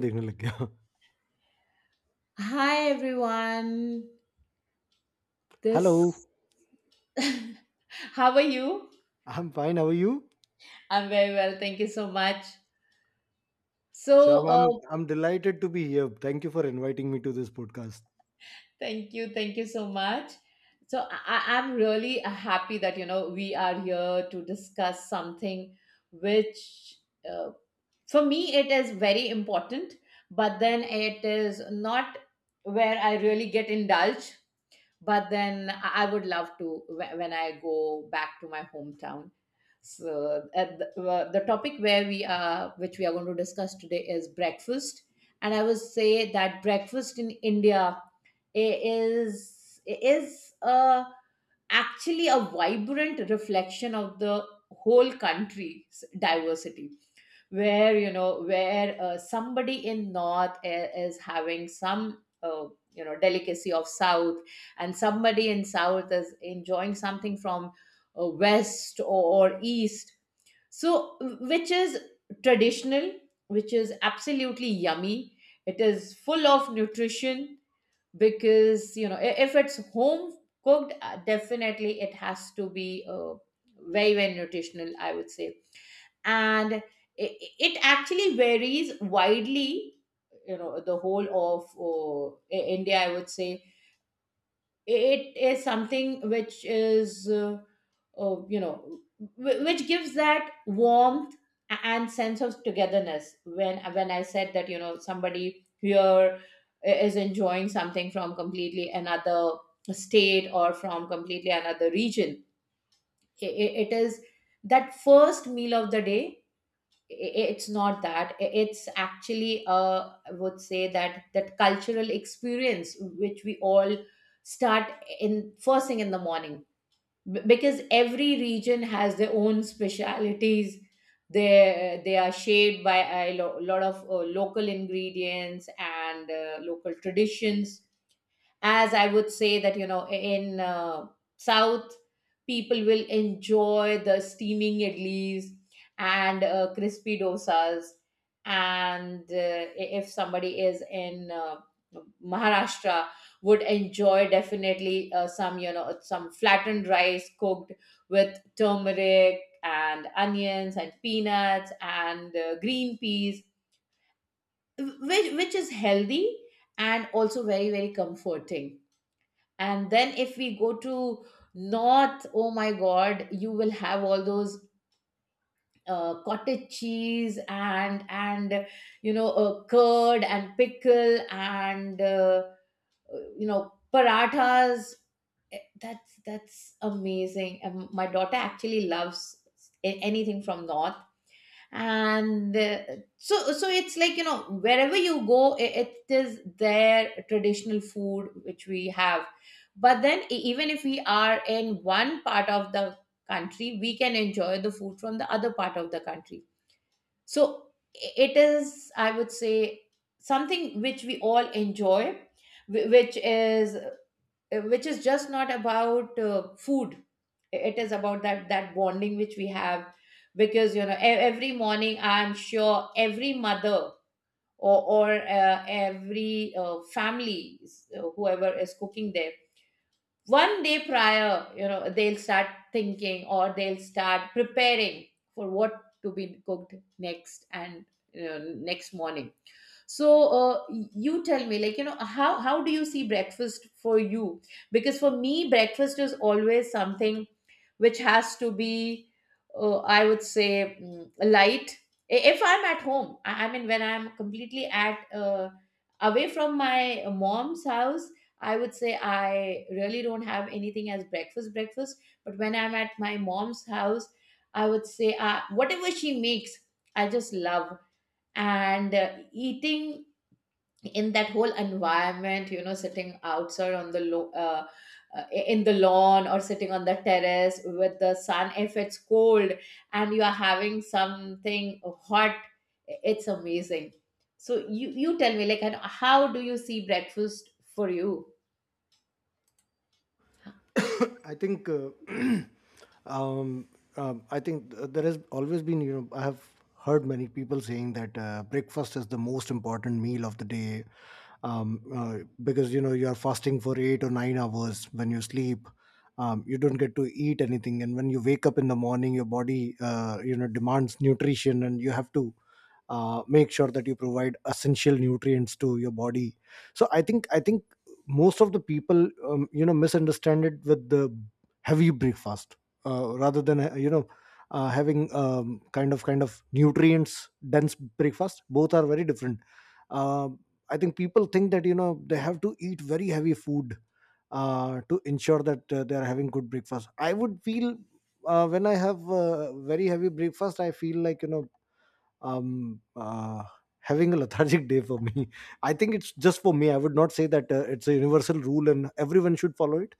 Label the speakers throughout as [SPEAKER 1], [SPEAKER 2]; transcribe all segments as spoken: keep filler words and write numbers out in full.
[SPEAKER 1] देखने लग गया.
[SPEAKER 2] Hi everyone.
[SPEAKER 1] Hello.
[SPEAKER 2] This— How are you?
[SPEAKER 1] I am fine, how are you?
[SPEAKER 2] I'm very well. Thank you so much.
[SPEAKER 1] So
[SPEAKER 2] So,
[SPEAKER 1] I am
[SPEAKER 2] uh,
[SPEAKER 1] I am delighted to be here, thank you for inviting me to this podcast.
[SPEAKER 2] thank you. Thank you so much. So, I I- I'm really uh, happy that you know we are here to discuss something which, uh, for me it is very important, but then it is not where I really get indulged, but then i I would love to— wh- when i go back to my hometown. So uh, the, uh, the topic where we are, which we are going to discuss today, is breakfast. And I would say that breakfast in india i- is is a actually a vibrant reflection of the whole country's diversity, where you know where uh, somebody in north i- is having some, uh, you know delicacy of south, and somebody in south is enjoying something from uh, west or, or east. So, which is traditional, which is absolutely yummy. It is full of nutrition, because you know, i- if it's home cooked, uh, definitely it has to be uh, very very nutritional, I would say. And it, it actually varies widely, you know, the whole of uh, I- india, I would say. It is something which is uh, uh, you know wh- which gives that warmth a- and sense of togetherness. When when i said that, you know, somebody here i- is enjoying something from completely another state, or from completely another region. I- i- it is that first meal of the day. It's not that, it's actually, uh, I would say, that that cultural experience which we all start in— first thing in the morning. B- because every region has their own specialities. They they are shaped by a lo- lot of uh, local ingredients and uh, local traditions. As I would say that, you know, in uh, south, people will enjoy the steaming idlis and uh, crispy dosas. And uh, if somebody is in uh, maharashtra, would enjoy, definitely, uh, some, you know, some flattened rice cooked with turmeric and onions and peanuts and uh, green peas, which, which is healthy and also very very comforting. And then if we go to north, oh my god, you will have all those uh, cottage cheese and and you know, uh, curd and pickle and uh, you know, parathas. Eh, that's that's amazing. Um, my daughter actually loves a- anything from north. And uh, so so it's like, you know, wherever you go, it, it is their traditional food which we have. But then e- even if we are in one part of the country, we can enjoy the food from the other part of the country. So i- it is, I would say, something which we all enjoy, wh- which is uh, which is just not about uh, food. It is about that that bonding which we have. Because you know, e- every morning, I'm sure every mother or, or uh, every uh, family, uh, whoever is cooking there, one day prior, you know, they'll start thinking, or they'll start preparing for what to be cooked next and, you know, next morning. So uh, you tell me, like, you know, how how do you see breakfast for you, because for me breakfast is always something which has to be, uh, I would say, mm, light. I- if I'm at home, i I mean, when I'm completely at— uh, away from my mom's house, I would say I really don't have anything as breakfast breakfast. But when I'm at my mom's house, I would say, uh, whatever she makes, I just love. And uh, eating in that whole environment, you know, sitting outside on the lo- uh, uh, in the lawn, or sitting on the terrace with the sun, if it's cold, and you are having something hot, it's amazing. So you you tell me, like, and how do you see breakfast for you?
[SPEAKER 1] I think um, um, I think th- there has always been, you know, I have heard many people saying that uh, breakfast is the most important meal of the day. um, uh, because, you know, you're fasting for eight or nine hours when you sleep. Um, you don't get to eat anything. And when you wake up in the morning, your body, uh, you know, demands nutrition, and you have to uh, make sure that you provide essential nutrients to your body. So i think i think most of the people um, you know misunderstand it with the heavy breakfast, uh, rather than uh, you know uh, having um, kind of kind of nutrients dense breakfast. Both are very different. Um I think people think that you know they have to eat very heavy food uh, to ensure that uh, they are having good breakfast. I would feel uh, when I have uh, very heavy breakfast, I feel like you know um uh, having a lethargic day for me. I think it's just for me. I would not say that uh, it's a universal rule and everyone should follow it.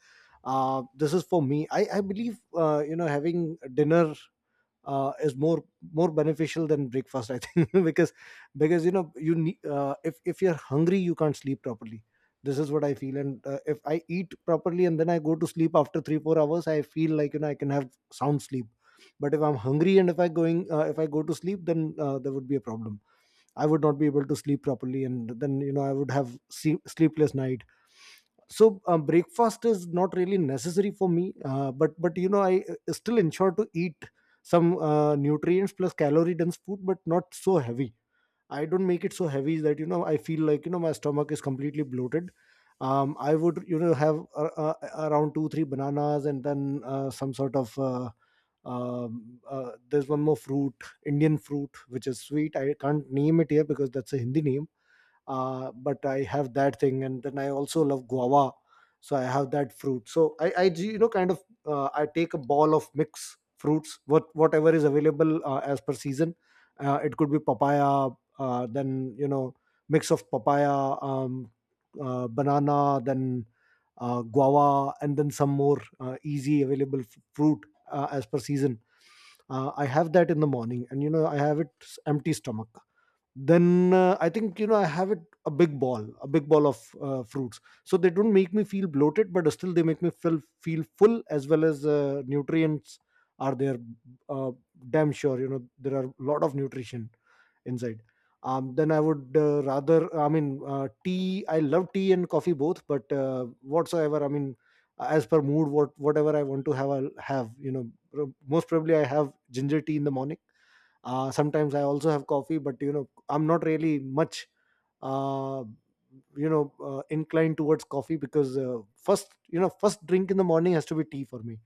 [SPEAKER 1] uh This is for me. I i believe uh, you know having dinner uh, is more more beneficial than breakfast, I think. because because you know you need, uh, if if you're hungry, you can't sleep properly. This is what I feel. And uh, if I eat properly and then I go to sleep after three four hours, I feel like you know I can have sound sleep. But if I'm hungry and if i going uh, if I go to sleep, then uh, there would be a problem. I would not be able to sleep properly, and then you know I would have see- sleepless night. So um, breakfast is not really necessary for me, uh, but but you know I uh, still ensure to eat some uh, nutrients plus calorie dense food, but not so heavy. I don't make it so heavy that you know I feel like you know my stomach is completely bloated. um, I would you know have uh, uh, around two three bananas, and then uh, some sort of uh, um, uh, there's one more fruit, Indian fruit which is sweet. I can't name it here because that's a Hindi name. Uh, but I have that thing, and then I also love guava, so I have that fruit. So I, I, you know, kind of, uh, I take a ball of mix fruits, what whatever is available uh, as per season. Uh, it could be papaya, uh, then you know, mix of papaya, um, uh, banana, then uh, guava, and then some more uh, easy available f- fruit uh, as per season. Uh, I have that in the morning, and you know, I have it s- empty stomach. Then uh, I think you know I have it, a big ball a big ball of uh, fruits, so they don't make me feel bloated, but still they make me feel feel full, as well as uh, nutrients are there. uh, Damn sure you know there are a lot of nutrition inside. Um, then I would, uh, rather, I mean, uh, tea, I love tea and coffee both, but uh, whatsoever, I mean, as per mood, what whatever I want to have, I'll have. You know most probably I have ginger tea in the morning. Uh, sometimes I also have coffee, but you know I'm not really much uh, you know uh, inclined towards coffee, because uh, first, you know first drink in the morning has to be tea for me.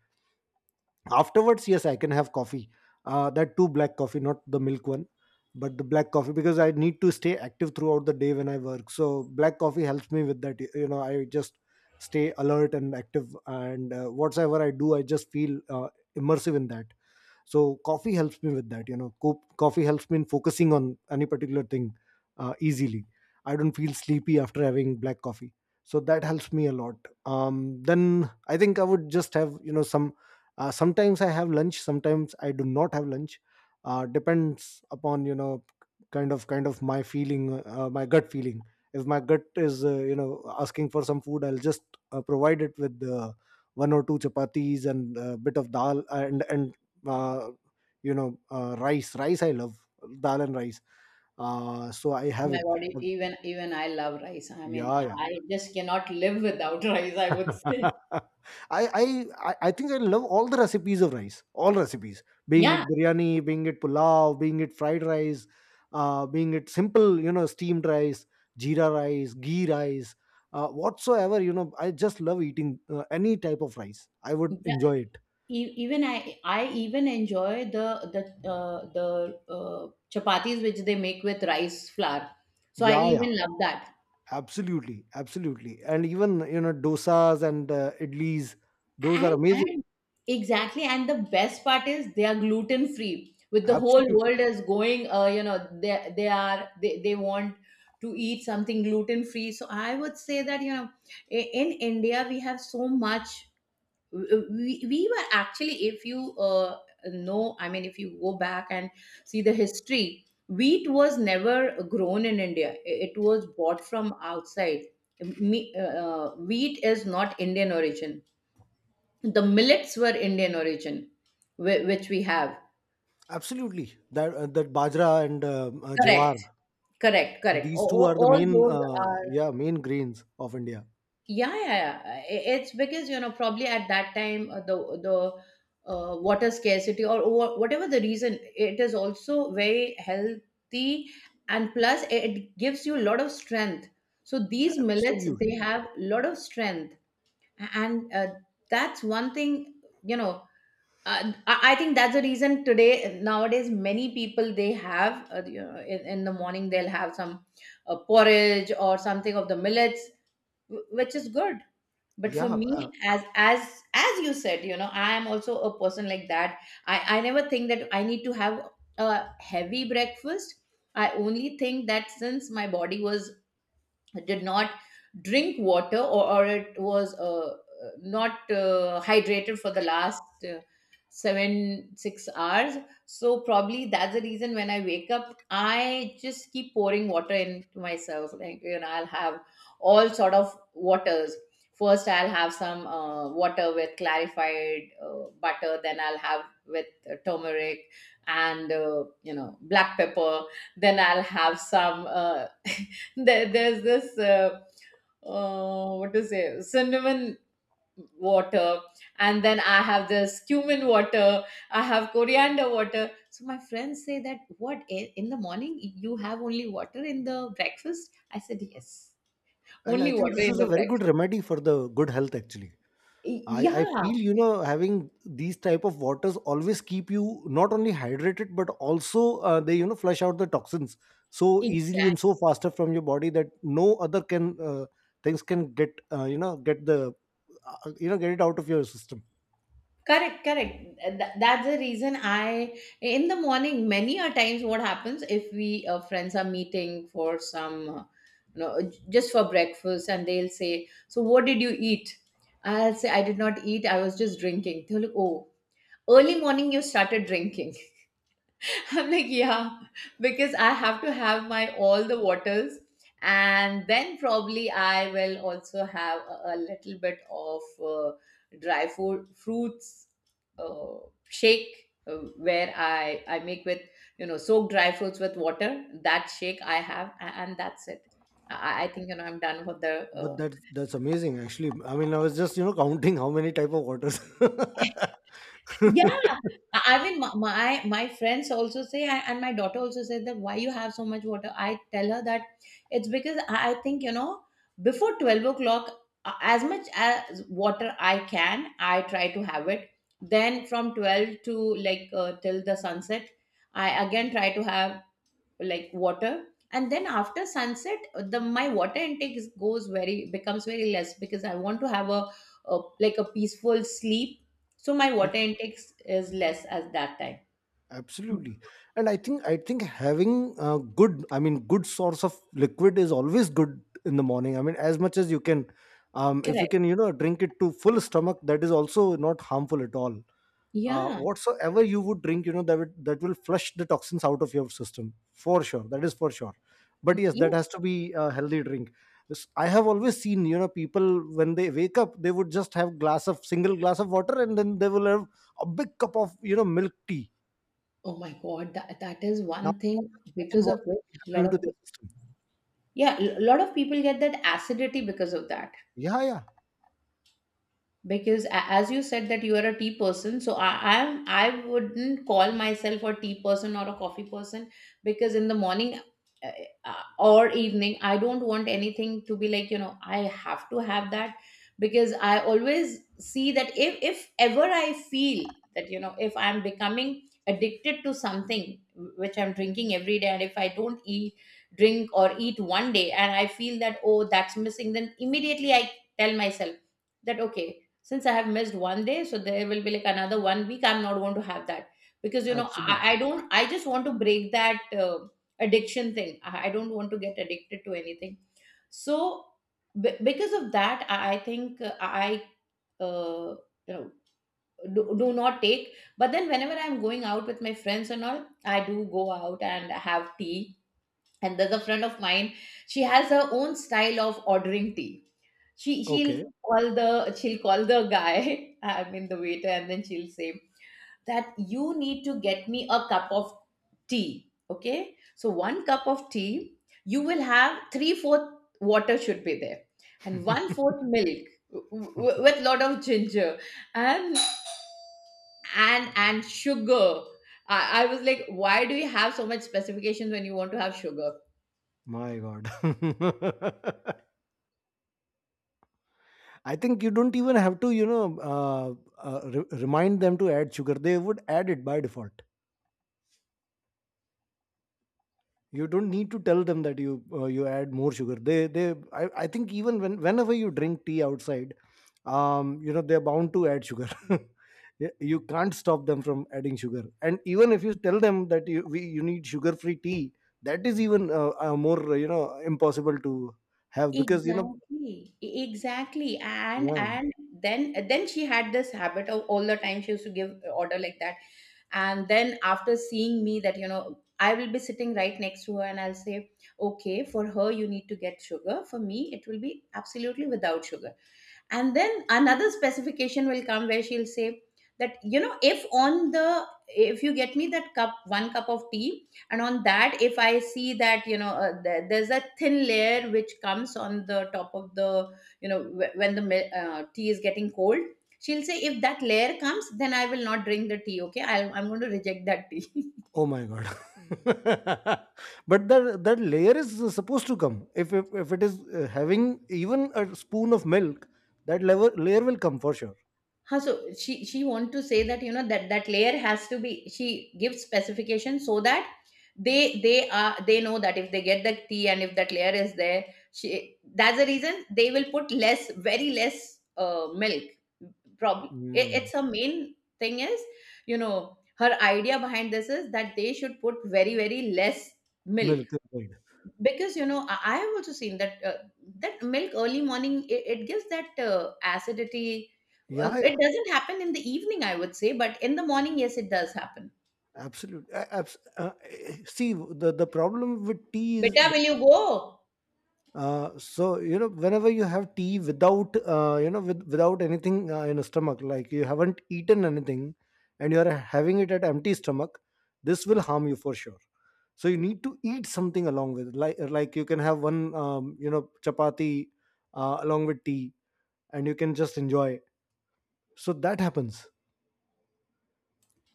[SPEAKER 1] Afterwards, yes, I can have coffee, uh, that too black coffee, not the milk one, but the black coffee, because I need to stay active throughout the day when I work, so black coffee helps me with that. you know I just stay alert and active, and uh, whatever I do, I just feel uh, immersive in that. So coffee helps me with that. You know co- coffee helps me in focusing on any particular thing uh, easily. I don't feel sleepy after having black coffee, so that helps me a lot. Um, then I think I would just have you know some, uh, sometimes I have lunch, sometimes I do not have lunch, uh, depends upon you know kind of kind of my feeling, uh, my gut feeling. If my gut is uh, you know asking for some food, I'll just uh, provide it with uh, one or two chapatis and a bit of dal, and and uh, you know uh, rice rice, I love dal and rice, uh, so I
[SPEAKER 2] Oh
[SPEAKER 1] have
[SPEAKER 2] my
[SPEAKER 1] it.
[SPEAKER 2] God, e- even even I love rice.
[SPEAKER 1] Uh,
[SPEAKER 2] I mean,
[SPEAKER 1] yeah, yeah.
[SPEAKER 2] I just cannot live without rice, I would say.
[SPEAKER 1] I, I i I think I love all the recipes of rice, all recipes, being it
[SPEAKER 2] Yeah.
[SPEAKER 1] biryani, being it pulao, being it fried rice, uh, being it simple, you know steamed rice, jeera rice, ghee rice, uh, whatsoever. you know I just love eating uh, any type of rice. I would enjoy it.
[SPEAKER 2] E- even I, I even enjoy the the uh, the uh, chapatis which they make with rice flour. So I
[SPEAKER 1] Yeah, yeah.
[SPEAKER 2] even love that.
[SPEAKER 1] Absolutely, absolutely. And even, you know, dosas and uh, idlis, those are
[SPEAKER 2] And
[SPEAKER 1] amazing.
[SPEAKER 2] and exactly. And the best part is they are gluten free. With the whole
[SPEAKER 1] Absolutely,
[SPEAKER 2] world is going, uh, you know, they they are, they, they want to eat something gluten free. So I would say that, you know, i- in India we have so much. We, we were actually, if you uh, know, I mean, if you go back and see the history, wheat was never grown in india, it was bought from outside. Me, uh, uh, wheat is not indian origin. The millets were indian origin, whi- which we have.
[SPEAKER 1] absolutely. That uh, that bajra and uh, uh, jawar,
[SPEAKER 2] Correct, correct, correct,
[SPEAKER 1] these two
[SPEAKER 2] all,
[SPEAKER 1] are the
[SPEAKER 2] all
[SPEAKER 1] main,
[SPEAKER 2] those
[SPEAKER 1] uh,
[SPEAKER 2] are.
[SPEAKER 1] yeah, main grains of India.
[SPEAKER 2] Yeah, yeah, yeah. I- It's because, you know, probably at that time, uh, the the uh, water scarcity, or wha- whatever the reason, it is also very healthy, and plus it it gives you a lot of strength. So these millets, they
[SPEAKER 1] Absolutely.
[SPEAKER 2] have a lot of strength, and uh, that's one thing, you know. Uh, I I think that's the reason today, nowadays, many people, they have, uh, you know, in, in the morning they'll have some uh, porridge or something of the millets, wh- which is good. But for
[SPEAKER 1] Yeah,
[SPEAKER 2] me,
[SPEAKER 1] uh,
[SPEAKER 2] as as as you said, you know, I am also a person like that. I i never think that I need to have a heavy breakfast. I only think that, since my body was— did not drink water or, or it was, uh, not uh, hydrated for the last uh, seven six hours. So probably that's the reason when I wake up, I just keep pouring water into myself. Like, you know, I'll have all sort of waters. First I'll have some uh, water with clarified uh, butter, then I'll have with uh, turmeric and uh, you know, black pepper. Then I'll have some, uh, there, there's this, uh, uh, what to say cinnamon water. And then I have this cumin water. I have coriander water. So my friends say that, what, i- in the morning you have only water in the breakfast? I said, yes,
[SPEAKER 1] and I
[SPEAKER 2] only
[SPEAKER 1] think
[SPEAKER 2] water
[SPEAKER 1] this
[SPEAKER 2] in
[SPEAKER 1] is a
[SPEAKER 2] the
[SPEAKER 1] very good
[SPEAKER 2] breakfast.
[SPEAKER 1] remedy for the good health actually.
[SPEAKER 2] Y-
[SPEAKER 1] I, I
[SPEAKER 2] yeah,
[SPEAKER 1] feel you know having these type of waters always keep you not only hydrated but also uh, they you know flush out the toxins so easily and
[SPEAKER 2] exactly.
[SPEAKER 1] so faster from your body, that no other can, uh, things can get, uh, you know get the, uh, you know get it out of your system.
[SPEAKER 2] Correct, correct. Th- That's the reason I, in the morning, many a times, what happens, if we— uh, friends are meeting for some, uh, you know, j- just for breakfast, and they'll say, so what did you eat? I'll say, I did not eat, I was just drinking. They'll look, oh, early morning you started drinking. I'm like, yeah, because I have to have my all the waters, and then probably I will also have a, a little bit of uh, dry food, fruits, uh, shake, uh, where I I make with, you know, soak dry fruits with water. That shake I have, a- and that's it. I, I think, you know, I'm done for the
[SPEAKER 1] But
[SPEAKER 2] uh,
[SPEAKER 1] that that's amazing actually. I mean, I was just you know counting how many type of waters.
[SPEAKER 2] Yeah, I I mean, my my my friends also say, I- and my daughter also says that, why you have so much water. I tell her that, it's because I I think, you know, before twelve o'clock, a- as much as water I can, I try to have it. Then from twelve to— like, uh, till the sunset, I again try to have, like, water. And then after sunset, uh, the my water intake is— goes very— becomes very less, because I want to have a, a like, a peaceful sleep. So my water intake is less at that time.
[SPEAKER 1] Absolutely. And i think i think having a good, I mean good source of liquid is always good in the morning. I mean, as much as you can. Um if you
[SPEAKER 2] Correct.
[SPEAKER 1] can you know drink it to full stomach, that is also not harmful at all. Uh,
[SPEAKER 2] Yeah.
[SPEAKER 1] whatsoever you would drink, you know that would, that will flush the toxins out of your system for sure. That is for sure. But yes, that
[SPEAKER 2] Yeah.
[SPEAKER 1] has to be a healthy drink. Yes, I have always seen you know people, when they wake up, they would just have glass of single glass of water, and then they will have a big cup of you know milk tea.
[SPEAKER 2] Oh my god, that, that is
[SPEAKER 1] Now
[SPEAKER 2] one thing,
[SPEAKER 1] imagine
[SPEAKER 2] because
[SPEAKER 1] what
[SPEAKER 2] of which
[SPEAKER 1] would be
[SPEAKER 2] a lot
[SPEAKER 1] happening
[SPEAKER 2] of
[SPEAKER 1] to the
[SPEAKER 2] people—
[SPEAKER 1] system.
[SPEAKER 2] Yeah, a lot of people get that acidity because of that.
[SPEAKER 1] Yeah, yeah,
[SPEAKER 2] Because, a- as you said that you are a tea person, so i i'm, I wouldn't call myself a tea person or a coffee person. Because in the morning uh, uh, or evening, I don't want anything to be, like, you know, I have to have that. Because I always see that, if— if ever I feel that, you know, if I'm becoming addicted to something which I'm drinking every day, and if I don't eat— drink or eat one day, and I feel that, oh, that's missing, then immediately I tell myself that, okay, since I have missed one day, so there will be like another one week, I'm not going to have that. Because, you know, I,
[SPEAKER 1] absolutely.
[SPEAKER 2] I don't. I just want to break that, uh, addiction thing. I, I don't want to get addicted to anything. So b- because of that, I, I think, uh, I uh, you know, do, do not take. But then whenever I'm going out with my friends and all, I do go out and have tea. And there's a friend of mine, she has her own style of ordering tea. she
[SPEAKER 1] Okay.
[SPEAKER 2] she'll call the she'll call the guy, I mean the waiter, and then she'll say that you need to get me a cup of tea. Okay, so one cup of tea, you will have three fourth water should be there, and one fourth milk w- w- with lot of ginger and and and sugar. I, I was like, why do you have so much specifications when you want to have sugar?
[SPEAKER 1] My God. I think you don't even have to, you know, uh, uh, re- remind them to add sugar. They would add it by default. You don't need to tell them that you uh, you add more sugar, they they I, I think even when whenever you drink tea outside, um you know they're bound to add sugar. Y- you can't stop them from adding sugar, and even if you tell them that you we, you need sugar free tea, that is even uh, uh, more uh, you know impossible to have because you know
[SPEAKER 2] Exactly, E- exactly and
[SPEAKER 1] yeah.
[SPEAKER 2] and then then she had this habit of all the time she used to give order like that. And then after seeing me, that you know, I will be sitting right next to her and I'll say, okay, for her you need to get sugar, for me it will be absolutely without sugar. And then another specification will come where she'll say that, you know, if on the if you get me that cup, one cup of tea, and on that if I see that, you know, uh, there- there's a thin layer which comes on the top of the, you know, wh- when the mil- uh, tea is getting cold, she'll say if that layer comes, then I will not drink the tea. Okay, I'll, I'm going to reject that tea.
[SPEAKER 1] Oh my God. But that that layer is supposed to come, if if, if it is uh, having even a spoon of milk. That level layer will come for sure.
[SPEAKER 2] Huh, so she she want to say that, you know, that that layer has to be, she gives specification so that they they are they know that if they get the tea and if that layer is there, she, that's the reason they will put less, very less uh, milk. Probably it,
[SPEAKER 1] Mm,
[SPEAKER 2] it's a main thing is, you know, her idea behind this is that they should put very very less milk.
[SPEAKER 1] Milk is good.
[SPEAKER 2] Because you know, i I have also seen that uh, that milk early morning, it, it gives that uh, acidity.
[SPEAKER 1] Yeah,
[SPEAKER 2] Uh,
[SPEAKER 1] yeah,
[SPEAKER 2] it doesn't happen in the evening, I would say, but in the morning, yes, it does happen.
[SPEAKER 1] absolutely. Abs- uh, eh, see, the the problem with tea is,
[SPEAKER 2] Beta, will you go?
[SPEAKER 1] uh, so you know, whenever you have tea without, uh, you know, with without anything uh, in a stomach, like you haven't eaten anything, and you are having it at empty stomach, this will harm you for sure. So you need to eat something along with, like like you can have one, um, you know, chapati, uh, along with tea, and you can just enjoy. So that happens.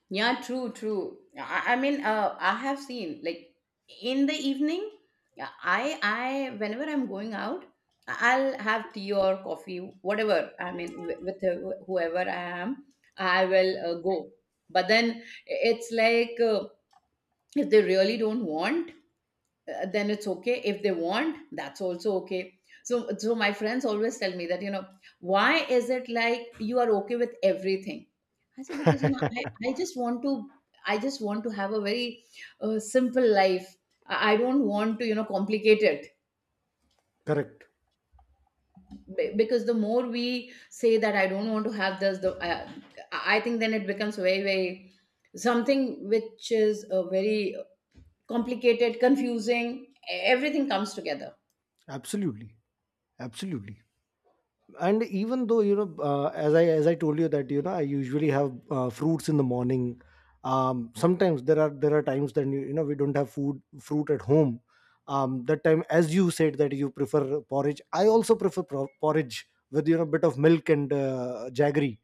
[SPEAKER 2] Yeah, true, true. I, I mean, uh, I have seen like in the evening. Yeah, i i whenever I'm going out, I'll have tea or coffee, whatever, I mean, with, with whoever I am, I will uh, go. But then it's like, uh, if they really don't want, uh, then it's okay, if they want, that's also okay. So so my friends always tell me that, you know, why is it like you are okay with everything? I said, because you know, i, I just want to, I just want to have a very uh, simple life. I I don't want to, you know, complicate it.
[SPEAKER 1] Correct.
[SPEAKER 2] Be- because the more we say that I don't want to have this, the uh, i I think then it becomes very very something which is a very complicated, confusing, e- everything comes together.
[SPEAKER 1] Absolutely. Absolutely. And even though you know, uh, as I as I told you that you know, I usually have uh, fruits in the morning. Um, sometimes there are there are times that you, you know we don't have food fruit at home. Um, that time, as you said that you prefer porridge, I also prefer pro- porridge with you know bit of milk and uh, jaggery.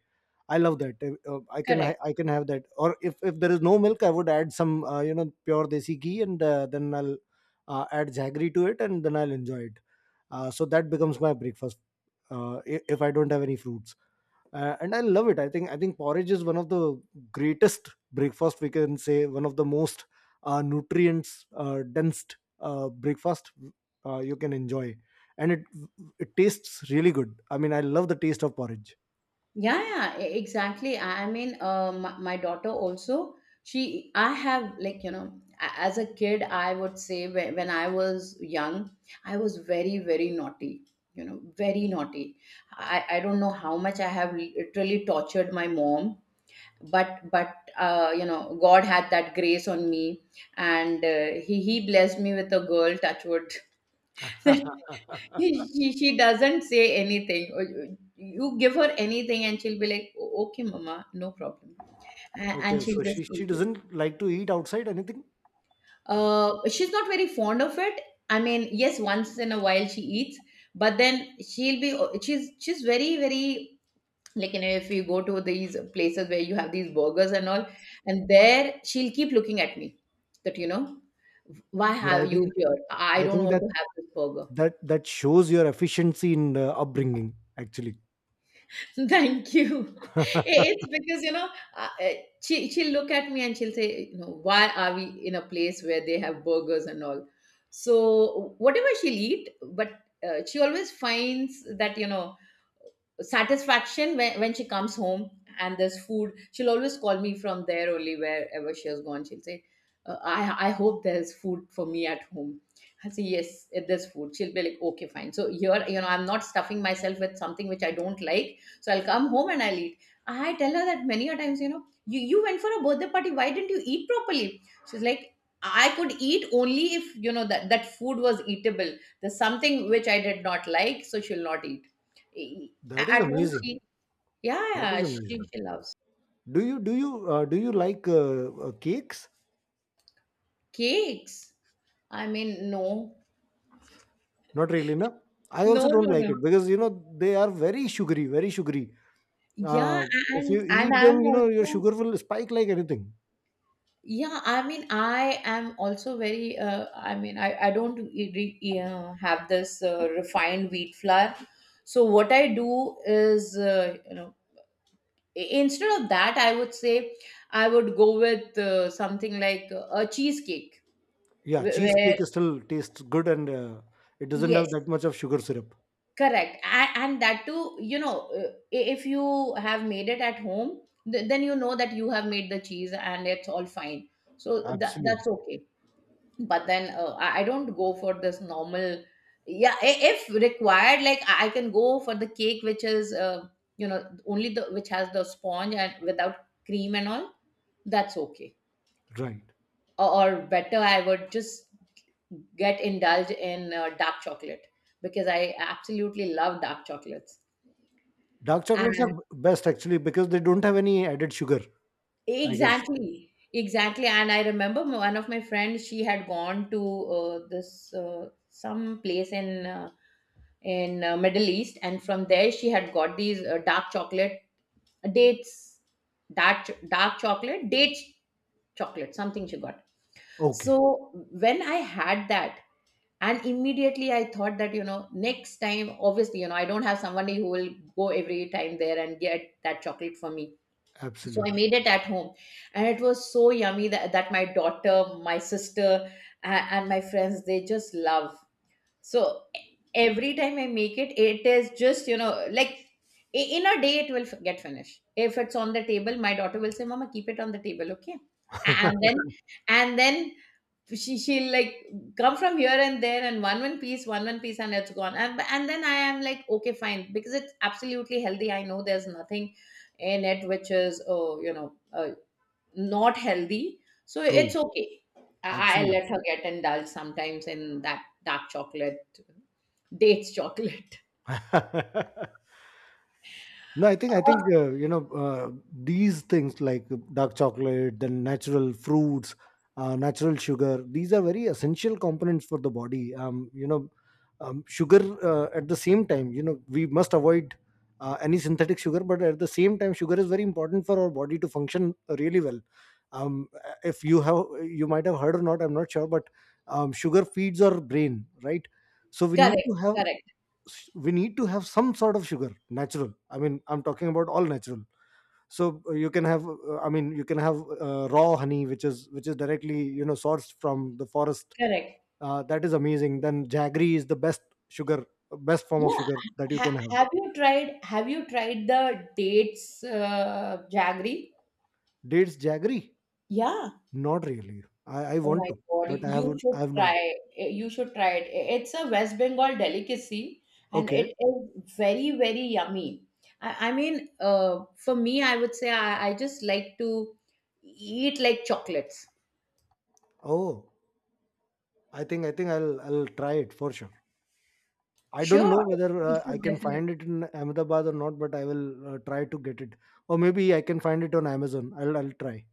[SPEAKER 1] I love that. Uh, uh, I can ha-
[SPEAKER 2] Correct.
[SPEAKER 1] I can have that. Or if if there is no milk, I would add some uh, you know pure desi ghee and uh, then I'll uh, add jaggery to it, and then I'll enjoy it. Uh, so that becomes my breakfast uh, i- if i don't have any fruits. Uh, and I love it. I think i think porridge is one of the greatest breakfast, we can say one of the most uh, nutrients uh, dense uh, breakfast uh, you can enjoy, and it it tastes really good. I mean, I love the taste of porridge.
[SPEAKER 2] Yeah, yeah, e- exactly. I I mean, uh, my, my daughter also, she, I have like, you know, a- as a kid, I would say when, when I was young, I was very, very naughty, you know, very naughty. I, I don't know how much I have literally tortured my mom. But but uh, you know, God had that grace on me, and uh, he he blessed me with a girl. Touchwood. She, she she doesn't say anything. Uh, uh, You give her anything, and she'll be like, "O- "Okay, mama, no problem," A-
[SPEAKER 1] Okay,
[SPEAKER 2] and she'll
[SPEAKER 1] so she
[SPEAKER 2] just
[SPEAKER 1] she
[SPEAKER 2] eat it.
[SPEAKER 1] doesn't like to eat outside anything.
[SPEAKER 2] Uh, she's not very fond of it. I mean, yes, once in a while she eats, but then she'll be. Oh, She's she's very very, like you know, if you go to these places where you have these burgers and all, and there she'll keep looking at me that, you know, why
[SPEAKER 1] But i
[SPEAKER 2] have you
[SPEAKER 1] think
[SPEAKER 2] here? I
[SPEAKER 1] i
[SPEAKER 2] don't
[SPEAKER 1] think
[SPEAKER 2] want
[SPEAKER 1] that
[SPEAKER 2] to have this burger.
[SPEAKER 1] that that shows your efficiency in uh, upbringing, actually.
[SPEAKER 2] Thank you. It's because you know, uh, uh, she she'll look at me and she'll say, you know, why are we in a place where they have burgers and all? So whatever she'll eat, but uh, she always finds that, you know, satisfaction when, when she comes home, and there's food. She'll always call me from there only, wherever she has gone, she'll say, uh, i i hope there's food for me at home. I say yes, eh, there's food. She'll be like, okay fine, so here, you know, I'm not stuffing myself with something which I don't like, so I'll come home and I'll eat. I tell her that many a times, you know, you you went for a birthday party, why didn't you eat properly? She's like, I could eat only if you know that that food was eatable. There's something which I did not like, so she'll not eat. a-
[SPEAKER 1] That is
[SPEAKER 2] At home, she,
[SPEAKER 1] amazing.
[SPEAKER 2] yeah,
[SPEAKER 1] That
[SPEAKER 2] yeah,
[SPEAKER 1] is
[SPEAKER 2] she,
[SPEAKER 1] amazing.
[SPEAKER 2] she loves
[SPEAKER 1] Do you do you uh, do you like uh, uh, cakes?
[SPEAKER 2] cakes. I mean, no,
[SPEAKER 1] Not really, no. I also
[SPEAKER 2] no,
[SPEAKER 1] don't
[SPEAKER 2] no,
[SPEAKER 1] like
[SPEAKER 2] no.
[SPEAKER 1] it because, you know, they are very sugary, very sugary. Uh,
[SPEAKER 2] Yeah,
[SPEAKER 1] if you
[SPEAKER 2] and and
[SPEAKER 1] eat them,
[SPEAKER 2] I'm
[SPEAKER 1] you know, your
[SPEAKER 2] also,
[SPEAKER 1] sugar will spike like anything.
[SPEAKER 2] yeah, I mean, I am also very, uh, I mean, I, I don't e- re- uh, have this uh, refined wheat flour. So what I do is, uh, you know, i- instead of that, I would say I would go with uh, something like a cheesecake,
[SPEAKER 1] Yeah,
[SPEAKER 2] wh- where,
[SPEAKER 1] cheesecake is still tastes good, and uh, it doesn't
[SPEAKER 2] yes,
[SPEAKER 1] have that much of sugar syrup.
[SPEAKER 2] correct. A- And that too, you know, uh, i- if you have made it at home, th- then you know that you have made the cheese and it's all fine. So that
[SPEAKER 1] Absolutely
[SPEAKER 2] that's okay. But then uh, I I don't go for this normal. Yeah, i- if required, like I I can go for the cake, which is uh, you know, only the which has the sponge and without cream and all. That's okay.
[SPEAKER 1] right.
[SPEAKER 2] Or, or better, I would just get indulged in uh, dark chocolate, because I absolutely love dark chocolates.
[SPEAKER 1] Dark chocolates are best actually, because they don't have any added sugar. I guess.
[SPEAKER 2] Exactly, exactly. And I remember m- one of my friends, she had gone to uh, this uh, some place in uh, in uh, Middle East, and from there she had got these uh, dark chocolate dates, dark ch- dark chocolate dates chocolate, something she got.
[SPEAKER 1] Okay,
[SPEAKER 2] So when I had that, and immediately I thought that, you know, next time, obviously, you know, I don't have somebody who will go every time there and get that chocolate for me. So I
[SPEAKER 1] absolutely.
[SPEAKER 2] made it at home, and it was so yummy that, that my daughter, my sister, and, and my friends, they just love. So e- every time I make it, it is just, you know, like i- in a day, it will f- get finished. If it's on the table, my daughter will say, mama, keep it on the table, okay? And then, and then she she'll like come from here and there and one one piece, one one piece, and it's gone. And, and then I am like okay fine, because it's absolutely healthy. I know there's nothing in it which is, oh, you know, uh, not healthy, so it's
[SPEAKER 1] True.
[SPEAKER 2] okay. I, I
[SPEAKER 1] Absolutely.
[SPEAKER 2] let her get indulged sometimes in that dark chocolate dates chocolate.
[SPEAKER 1] No, I think I
[SPEAKER 2] Uh,
[SPEAKER 1] think uh, you know, uh, these things like dark chocolate, then natural fruits, uh, natural sugar. These are very essential components for the body. Um, you know, um, sugar uh, at the same time, you know, we must avoid uh, any synthetic sugar. But at the same time, sugar is very important for our body to function uh, really well. Um, if you have, you might have heard or not, I'm not sure, but um, sugar feeds our brain, right? So we need
[SPEAKER 2] correct,
[SPEAKER 1] to have
[SPEAKER 2] correct,
[SPEAKER 1] s- we need to have some sort of sugar natural. I mean, I'm talking about all natural. So uh, you can have uh, I mean, you can have uh, raw honey, which is which is directly, you know, sourced from the forest.
[SPEAKER 2] correct.
[SPEAKER 1] Uh, that is amazing. Then jaggery is the best sugar, uh, best form of
[SPEAKER 2] Yeah,
[SPEAKER 1] sugar that you can
[SPEAKER 2] ha-
[SPEAKER 1] have.
[SPEAKER 2] have you tried, have you tried the dates uh, jaggery?
[SPEAKER 1] Dates jaggery,
[SPEAKER 2] Yeah.
[SPEAKER 1] not really. i, I
[SPEAKER 2] Oh
[SPEAKER 1] want
[SPEAKER 2] my
[SPEAKER 1] to,
[SPEAKER 2] God,
[SPEAKER 1] but I
[SPEAKER 2] you
[SPEAKER 1] have,
[SPEAKER 2] should
[SPEAKER 1] I have not.
[SPEAKER 2] try. Eh, you should try it. It's a West Bengal delicacy and
[SPEAKER 1] Okay.
[SPEAKER 2] it is very, very yummy. I, I mean, uh, for me, I would say I, I just like to eat like chocolates.
[SPEAKER 1] Oh, i think i think i'll i'll try it for sure. I don't know
[SPEAKER 2] Sure,
[SPEAKER 1] whether
[SPEAKER 2] you
[SPEAKER 1] uh, I
[SPEAKER 2] should
[SPEAKER 1] can
[SPEAKER 2] definitely.
[SPEAKER 1] find it in Ahmedabad or not, but I will uh, try to get it. Or maybe I can find it on Amazon. I'll I'll try.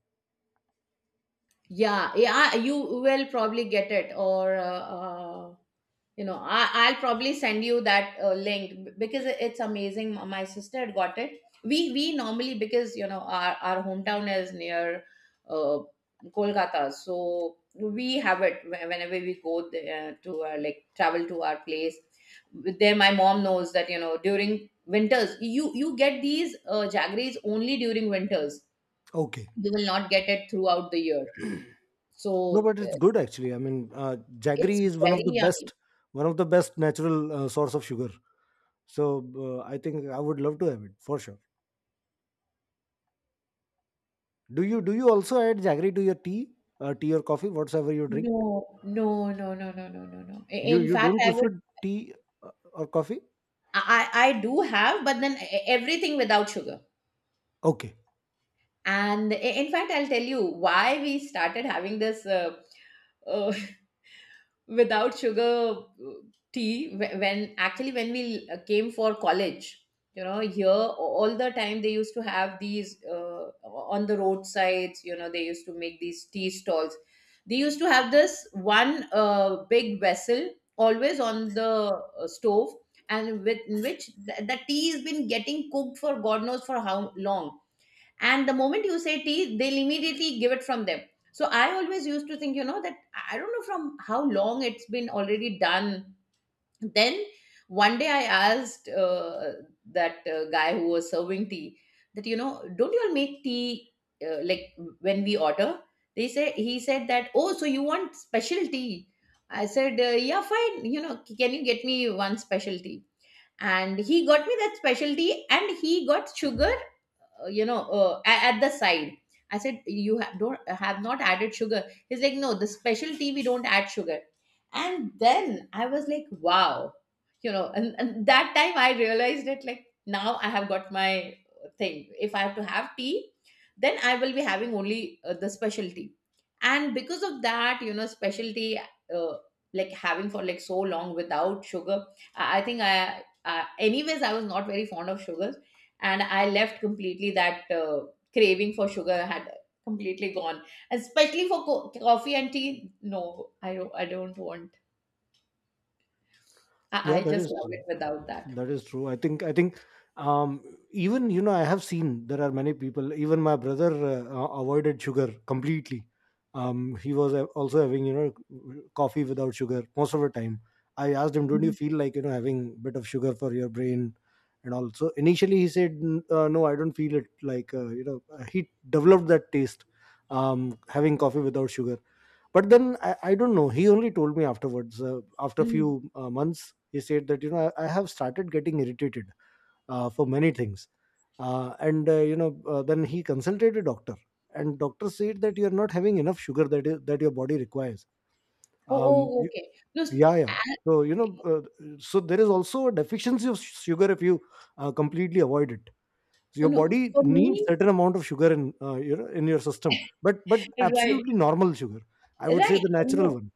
[SPEAKER 2] Yeah, yeah, you will probably get it, or uh, uh, you know, I, I'll probably send you that uh, link, b- because it- it's amazing. M- my sister had got it, we we normally, because you know, our, our hometown is near uh, Kolkata, so we have it whe- whenever we go there uh, to uh, like travel to our place. There my mom knows that, you know, during winters, you you get these uh, jaggeries only during winters.
[SPEAKER 1] Okay.
[SPEAKER 2] You will not get it throughout the year.
[SPEAKER 1] No,
[SPEAKER 2] So
[SPEAKER 1] but it's
[SPEAKER 2] uh,
[SPEAKER 1] good actually. I mean, uh,
[SPEAKER 2] it's
[SPEAKER 1] jaggery is one
[SPEAKER 2] very
[SPEAKER 1] of the
[SPEAKER 2] yummy.
[SPEAKER 1] best, one of the best natural uh, source of sugar. So uh, I think I would love to have it for sure. Do you do you also add jaggery to your tea, uh, tea or coffee, whatever you drink?
[SPEAKER 2] No, no, no, no, no, no, no, no. I-
[SPEAKER 1] You
[SPEAKER 2] In
[SPEAKER 1] you
[SPEAKER 2] fact,
[SPEAKER 1] don't
[SPEAKER 2] I would,
[SPEAKER 1] prefer tea uh, or coffee?
[SPEAKER 2] I, I I do have, but then e- everything without sugar.
[SPEAKER 1] Okay.
[SPEAKER 2] And i- in fact, I'll tell you why we started having this uh, uh, without sugar uh, tea wh- when actually when we uh, came for college you know here. All the time they used to have these uh, on the roadsides, you know, they used to make these tea stalls. They used to have this one uh, big vessel always on the uh, stove, and with in which the, the tea has been getting cooked for god knows for how long. And the moment you say tea, they'll immediately give it from them. So I always used to think, you know, that I don't know from how long it's been already done. Then one day I asked uh, that uh, guy who was serving tea that, you know, don't you all make tea, uh, like, when we order, they say? He said that, oh, so you want special tea? I said, uh, yeah, fine, you know, can you get me one special tea? And he got me that specialty, and he got sugar uh, you know, uh, a- at the side. I said, you ha- don't have not added sugar? He's like, no, the special tea, we don't add sugar. And then I was like, wow, you know. And, and that time I realized it like, now I have got my thing. If I have to have tea, then I will be having only uh, the specialty. And because of that, you know, specialty, uh, like having for like so long without sugar, i, I think, I, I anyways I was not very fond of sugar, and I left completely that uh, craving for sugar had completely gone. Especially for co- coffee and tea, no, I don't. I don't want. I,
[SPEAKER 1] Yeah,
[SPEAKER 2] I
[SPEAKER 1] that
[SPEAKER 2] just
[SPEAKER 1] is.
[SPEAKER 2] love it without that.
[SPEAKER 1] That is true. I think I think um even, you know, I have seen there are many people, even my brother uh, uh, avoided sugar completely. Um he was uh, also having, you know, coffee without sugar most of the time. I asked him, don't you
[SPEAKER 2] Mhm.
[SPEAKER 1] feel like, you know, having bit of sugar for your brain? And also initially he said, "N- uh, No, I don't feel it like uh, you know." He developed that taste, um having coffee without sugar. But then I, I don't know, he only told me afterwards, uh, after a
[SPEAKER 2] Mhm.
[SPEAKER 1] few uh, months, he said that, you know, i, I have started getting irritated uh, for many things, uh, and uh, you know, uh, then he consulted a doctor, and doctor said that you are not having enough sugar, that is, that your body requires.
[SPEAKER 2] Oh,
[SPEAKER 1] Um
[SPEAKER 2] oh,
[SPEAKER 1] you,
[SPEAKER 2] okay. No, s-
[SPEAKER 1] yeah, yeah,
[SPEAKER 2] and-
[SPEAKER 1] so you know, uh, so there is also a deficiency of sugar if you uh, completely avoid it. So
[SPEAKER 2] oh,
[SPEAKER 1] your
[SPEAKER 2] no.
[SPEAKER 1] body
[SPEAKER 2] For
[SPEAKER 1] needs
[SPEAKER 2] me,
[SPEAKER 1] certain amount of sugar in uh, your in your system. But but
[SPEAKER 2] right,
[SPEAKER 1] absolutely normal sugar, I would say,
[SPEAKER 2] right.
[SPEAKER 1] the natural
[SPEAKER 2] No,
[SPEAKER 1] one.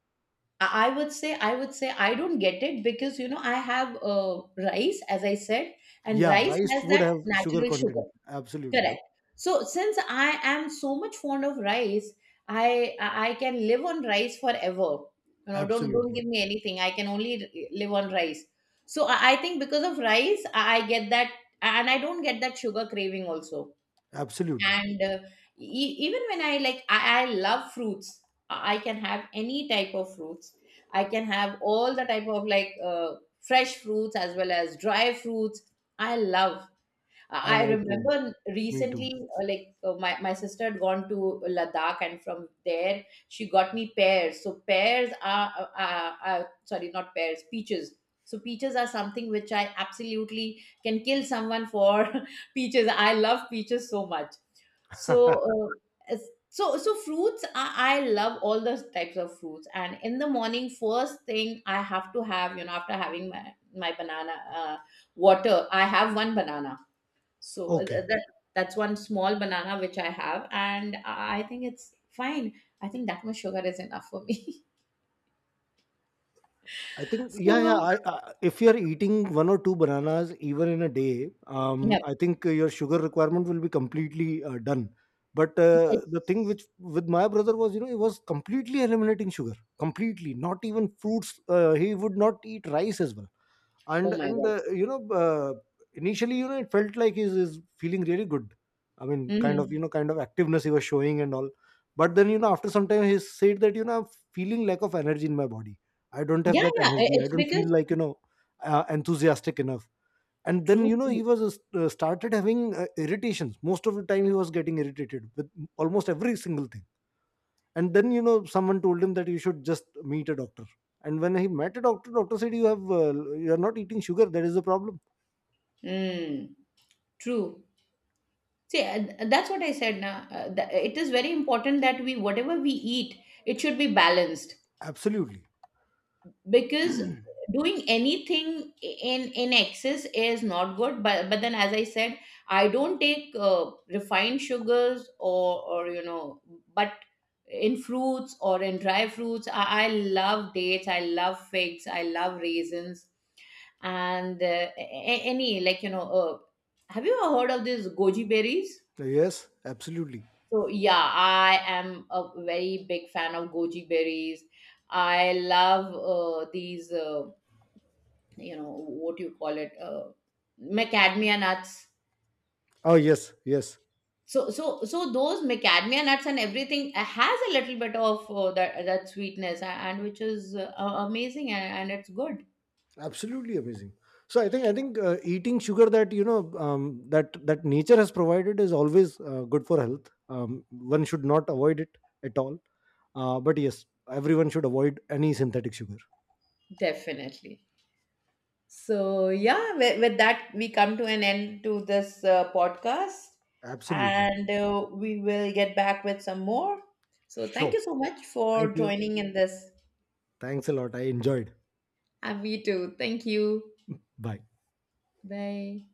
[SPEAKER 2] I I would say, I would say, I don't get it because, you know, I have uh, rice, as I said, and
[SPEAKER 1] Yeah,
[SPEAKER 2] rice
[SPEAKER 1] rice
[SPEAKER 2] has
[SPEAKER 1] would
[SPEAKER 2] that
[SPEAKER 1] have sugar
[SPEAKER 2] natural sugar.
[SPEAKER 1] content. Absolutely.
[SPEAKER 2] Correct. So since I am so much fond of rice, I I can live on rice forever. You know, don't don't
[SPEAKER 1] Absolutely.
[SPEAKER 2] give me anything. I can only live on rice. So I, I think because of rice, I, I get that, and I don't get that sugar craving also.
[SPEAKER 1] Absolutely.
[SPEAKER 2] And uh, e- even when I like, I, I love fruits. I I can have any type of fruits. I can have all the type of like uh, fresh fruits as well as dry fruits. I love. Uh,
[SPEAKER 1] I,
[SPEAKER 2] I
[SPEAKER 1] I too.
[SPEAKER 2] remember
[SPEAKER 1] Me too.
[SPEAKER 2] recently, uh, like uh, my, my sister had gone to Ladakh, and from there she got me pears. So pears are, uh, uh, uh, sorry, not pears, peaches. So peaches are something which I absolutely can kill someone for, peaches. I love peaches so much. So, uh, as- so, so fruits. I, I love all those types of fruits. And in the morning, first thing I have to have, you know, after having my my banana uh, water, I have one banana. So uh, uh,
[SPEAKER 1] Okay.
[SPEAKER 2] that, that's one small banana which I have, and I think it's fine. I think that much sugar is enough for me.
[SPEAKER 1] I think, yeah, yeah,
[SPEAKER 2] So
[SPEAKER 1] I, I if you are eating one or two bananas even in a day, um
[SPEAKER 2] yeah,
[SPEAKER 1] I think your sugar requirement will be completely uh, done. But uh, the thing
[SPEAKER 2] yes.
[SPEAKER 1] which with my brother was, you know, he was completely eliminating sugar, completely not even fruits. Uh, he would not eat rice as well. and
[SPEAKER 2] Oh my
[SPEAKER 1] and
[SPEAKER 2] god.
[SPEAKER 1] the, you know, uh, initially, you know, it felt like he's, he's feeling really good. I mean, kind of, you
[SPEAKER 2] Hmm.
[SPEAKER 1] know, kind of activeness he was showing and all. But then, you know, after some time he said that, you know, I'm feeling lack of energy in my body. I don't have
[SPEAKER 2] Yeah,
[SPEAKER 1] that
[SPEAKER 2] yeah. i-
[SPEAKER 1] energy. I
[SPEAKER 2] It's
[SPEAKER 1] don't feel
[SPEAKER 2] because,
[SPEAKER 1] like, you know, uh, enthusiastic enough. And then,
[SPEAKER 2] true,
[SPEAKER 1] you know, he
[SPEAKER 2] true.
[SPEAKER 1] was uh, started having uh, irritations. Most of the time he was getting irritated with almost every single thing. And then, you know, someone told him that you should just meet a doctor. And when he met a doctor, doctor said, you have uh, you are not eating sugar, that is the problem.
[SPEAKER 2] Mm, true. See, uh, that's what I said. Now, uh, th- it is very important that we, whatever we eat, it should be balanced.
[SPEAKER 1] Absolutely.
[SPEAKER 2] Because doing anything in in excess is not good, but but then, as I said, I don't take uh, refined sugars, or or you know, but in fruits or in dry fruits, I, I love dates, I love figs, I love raisins. And uh, a- a- any like, you know, uh, have you ever heard of these goji berries?
[SPEAKER 1] Yes, absolutely.
[SPEAKER 2] So yeah, I am a very big fan of goji berries. I love uh, these. Uh, you know what you call it, uh, macadamia nuts.
[SPEAKER 1] Oh, yes, yes,
[SPEAKER 2] So so so those macadamia nuts and everything uh, has a little bit of uh, that that sweetness, a- and which is uh, amazing. And, and it's good.
[SPEAKER 1] absolutely amazing. So i think i think uh, eating sugar that, you know, um, that that nature has provided is always uh, good for health. Um, one should not avoid it at all. Uh, but yes, everyone should avoid any synthetic sugar.
[SPEAKER 2] Definitely. So yeah, with, with that we come to an end to this uh, podcast.
[SPEAKER 1] Absolutely.
[SPEAKER 2] And uh, we will get back with some more. So thank
[SPEAKER 1] Sure.
[SPEAKER 2] you so much for
[SPEAKER 1] Thank you.
[SPEAKER 2] joining in this.
[SPEAKER 1] Thanks a lot, I enjoyed.
[SPEAKER 2] And me too, thank you.
[SPEAKER 1] Bye.
[SPEAKER 2] Bye.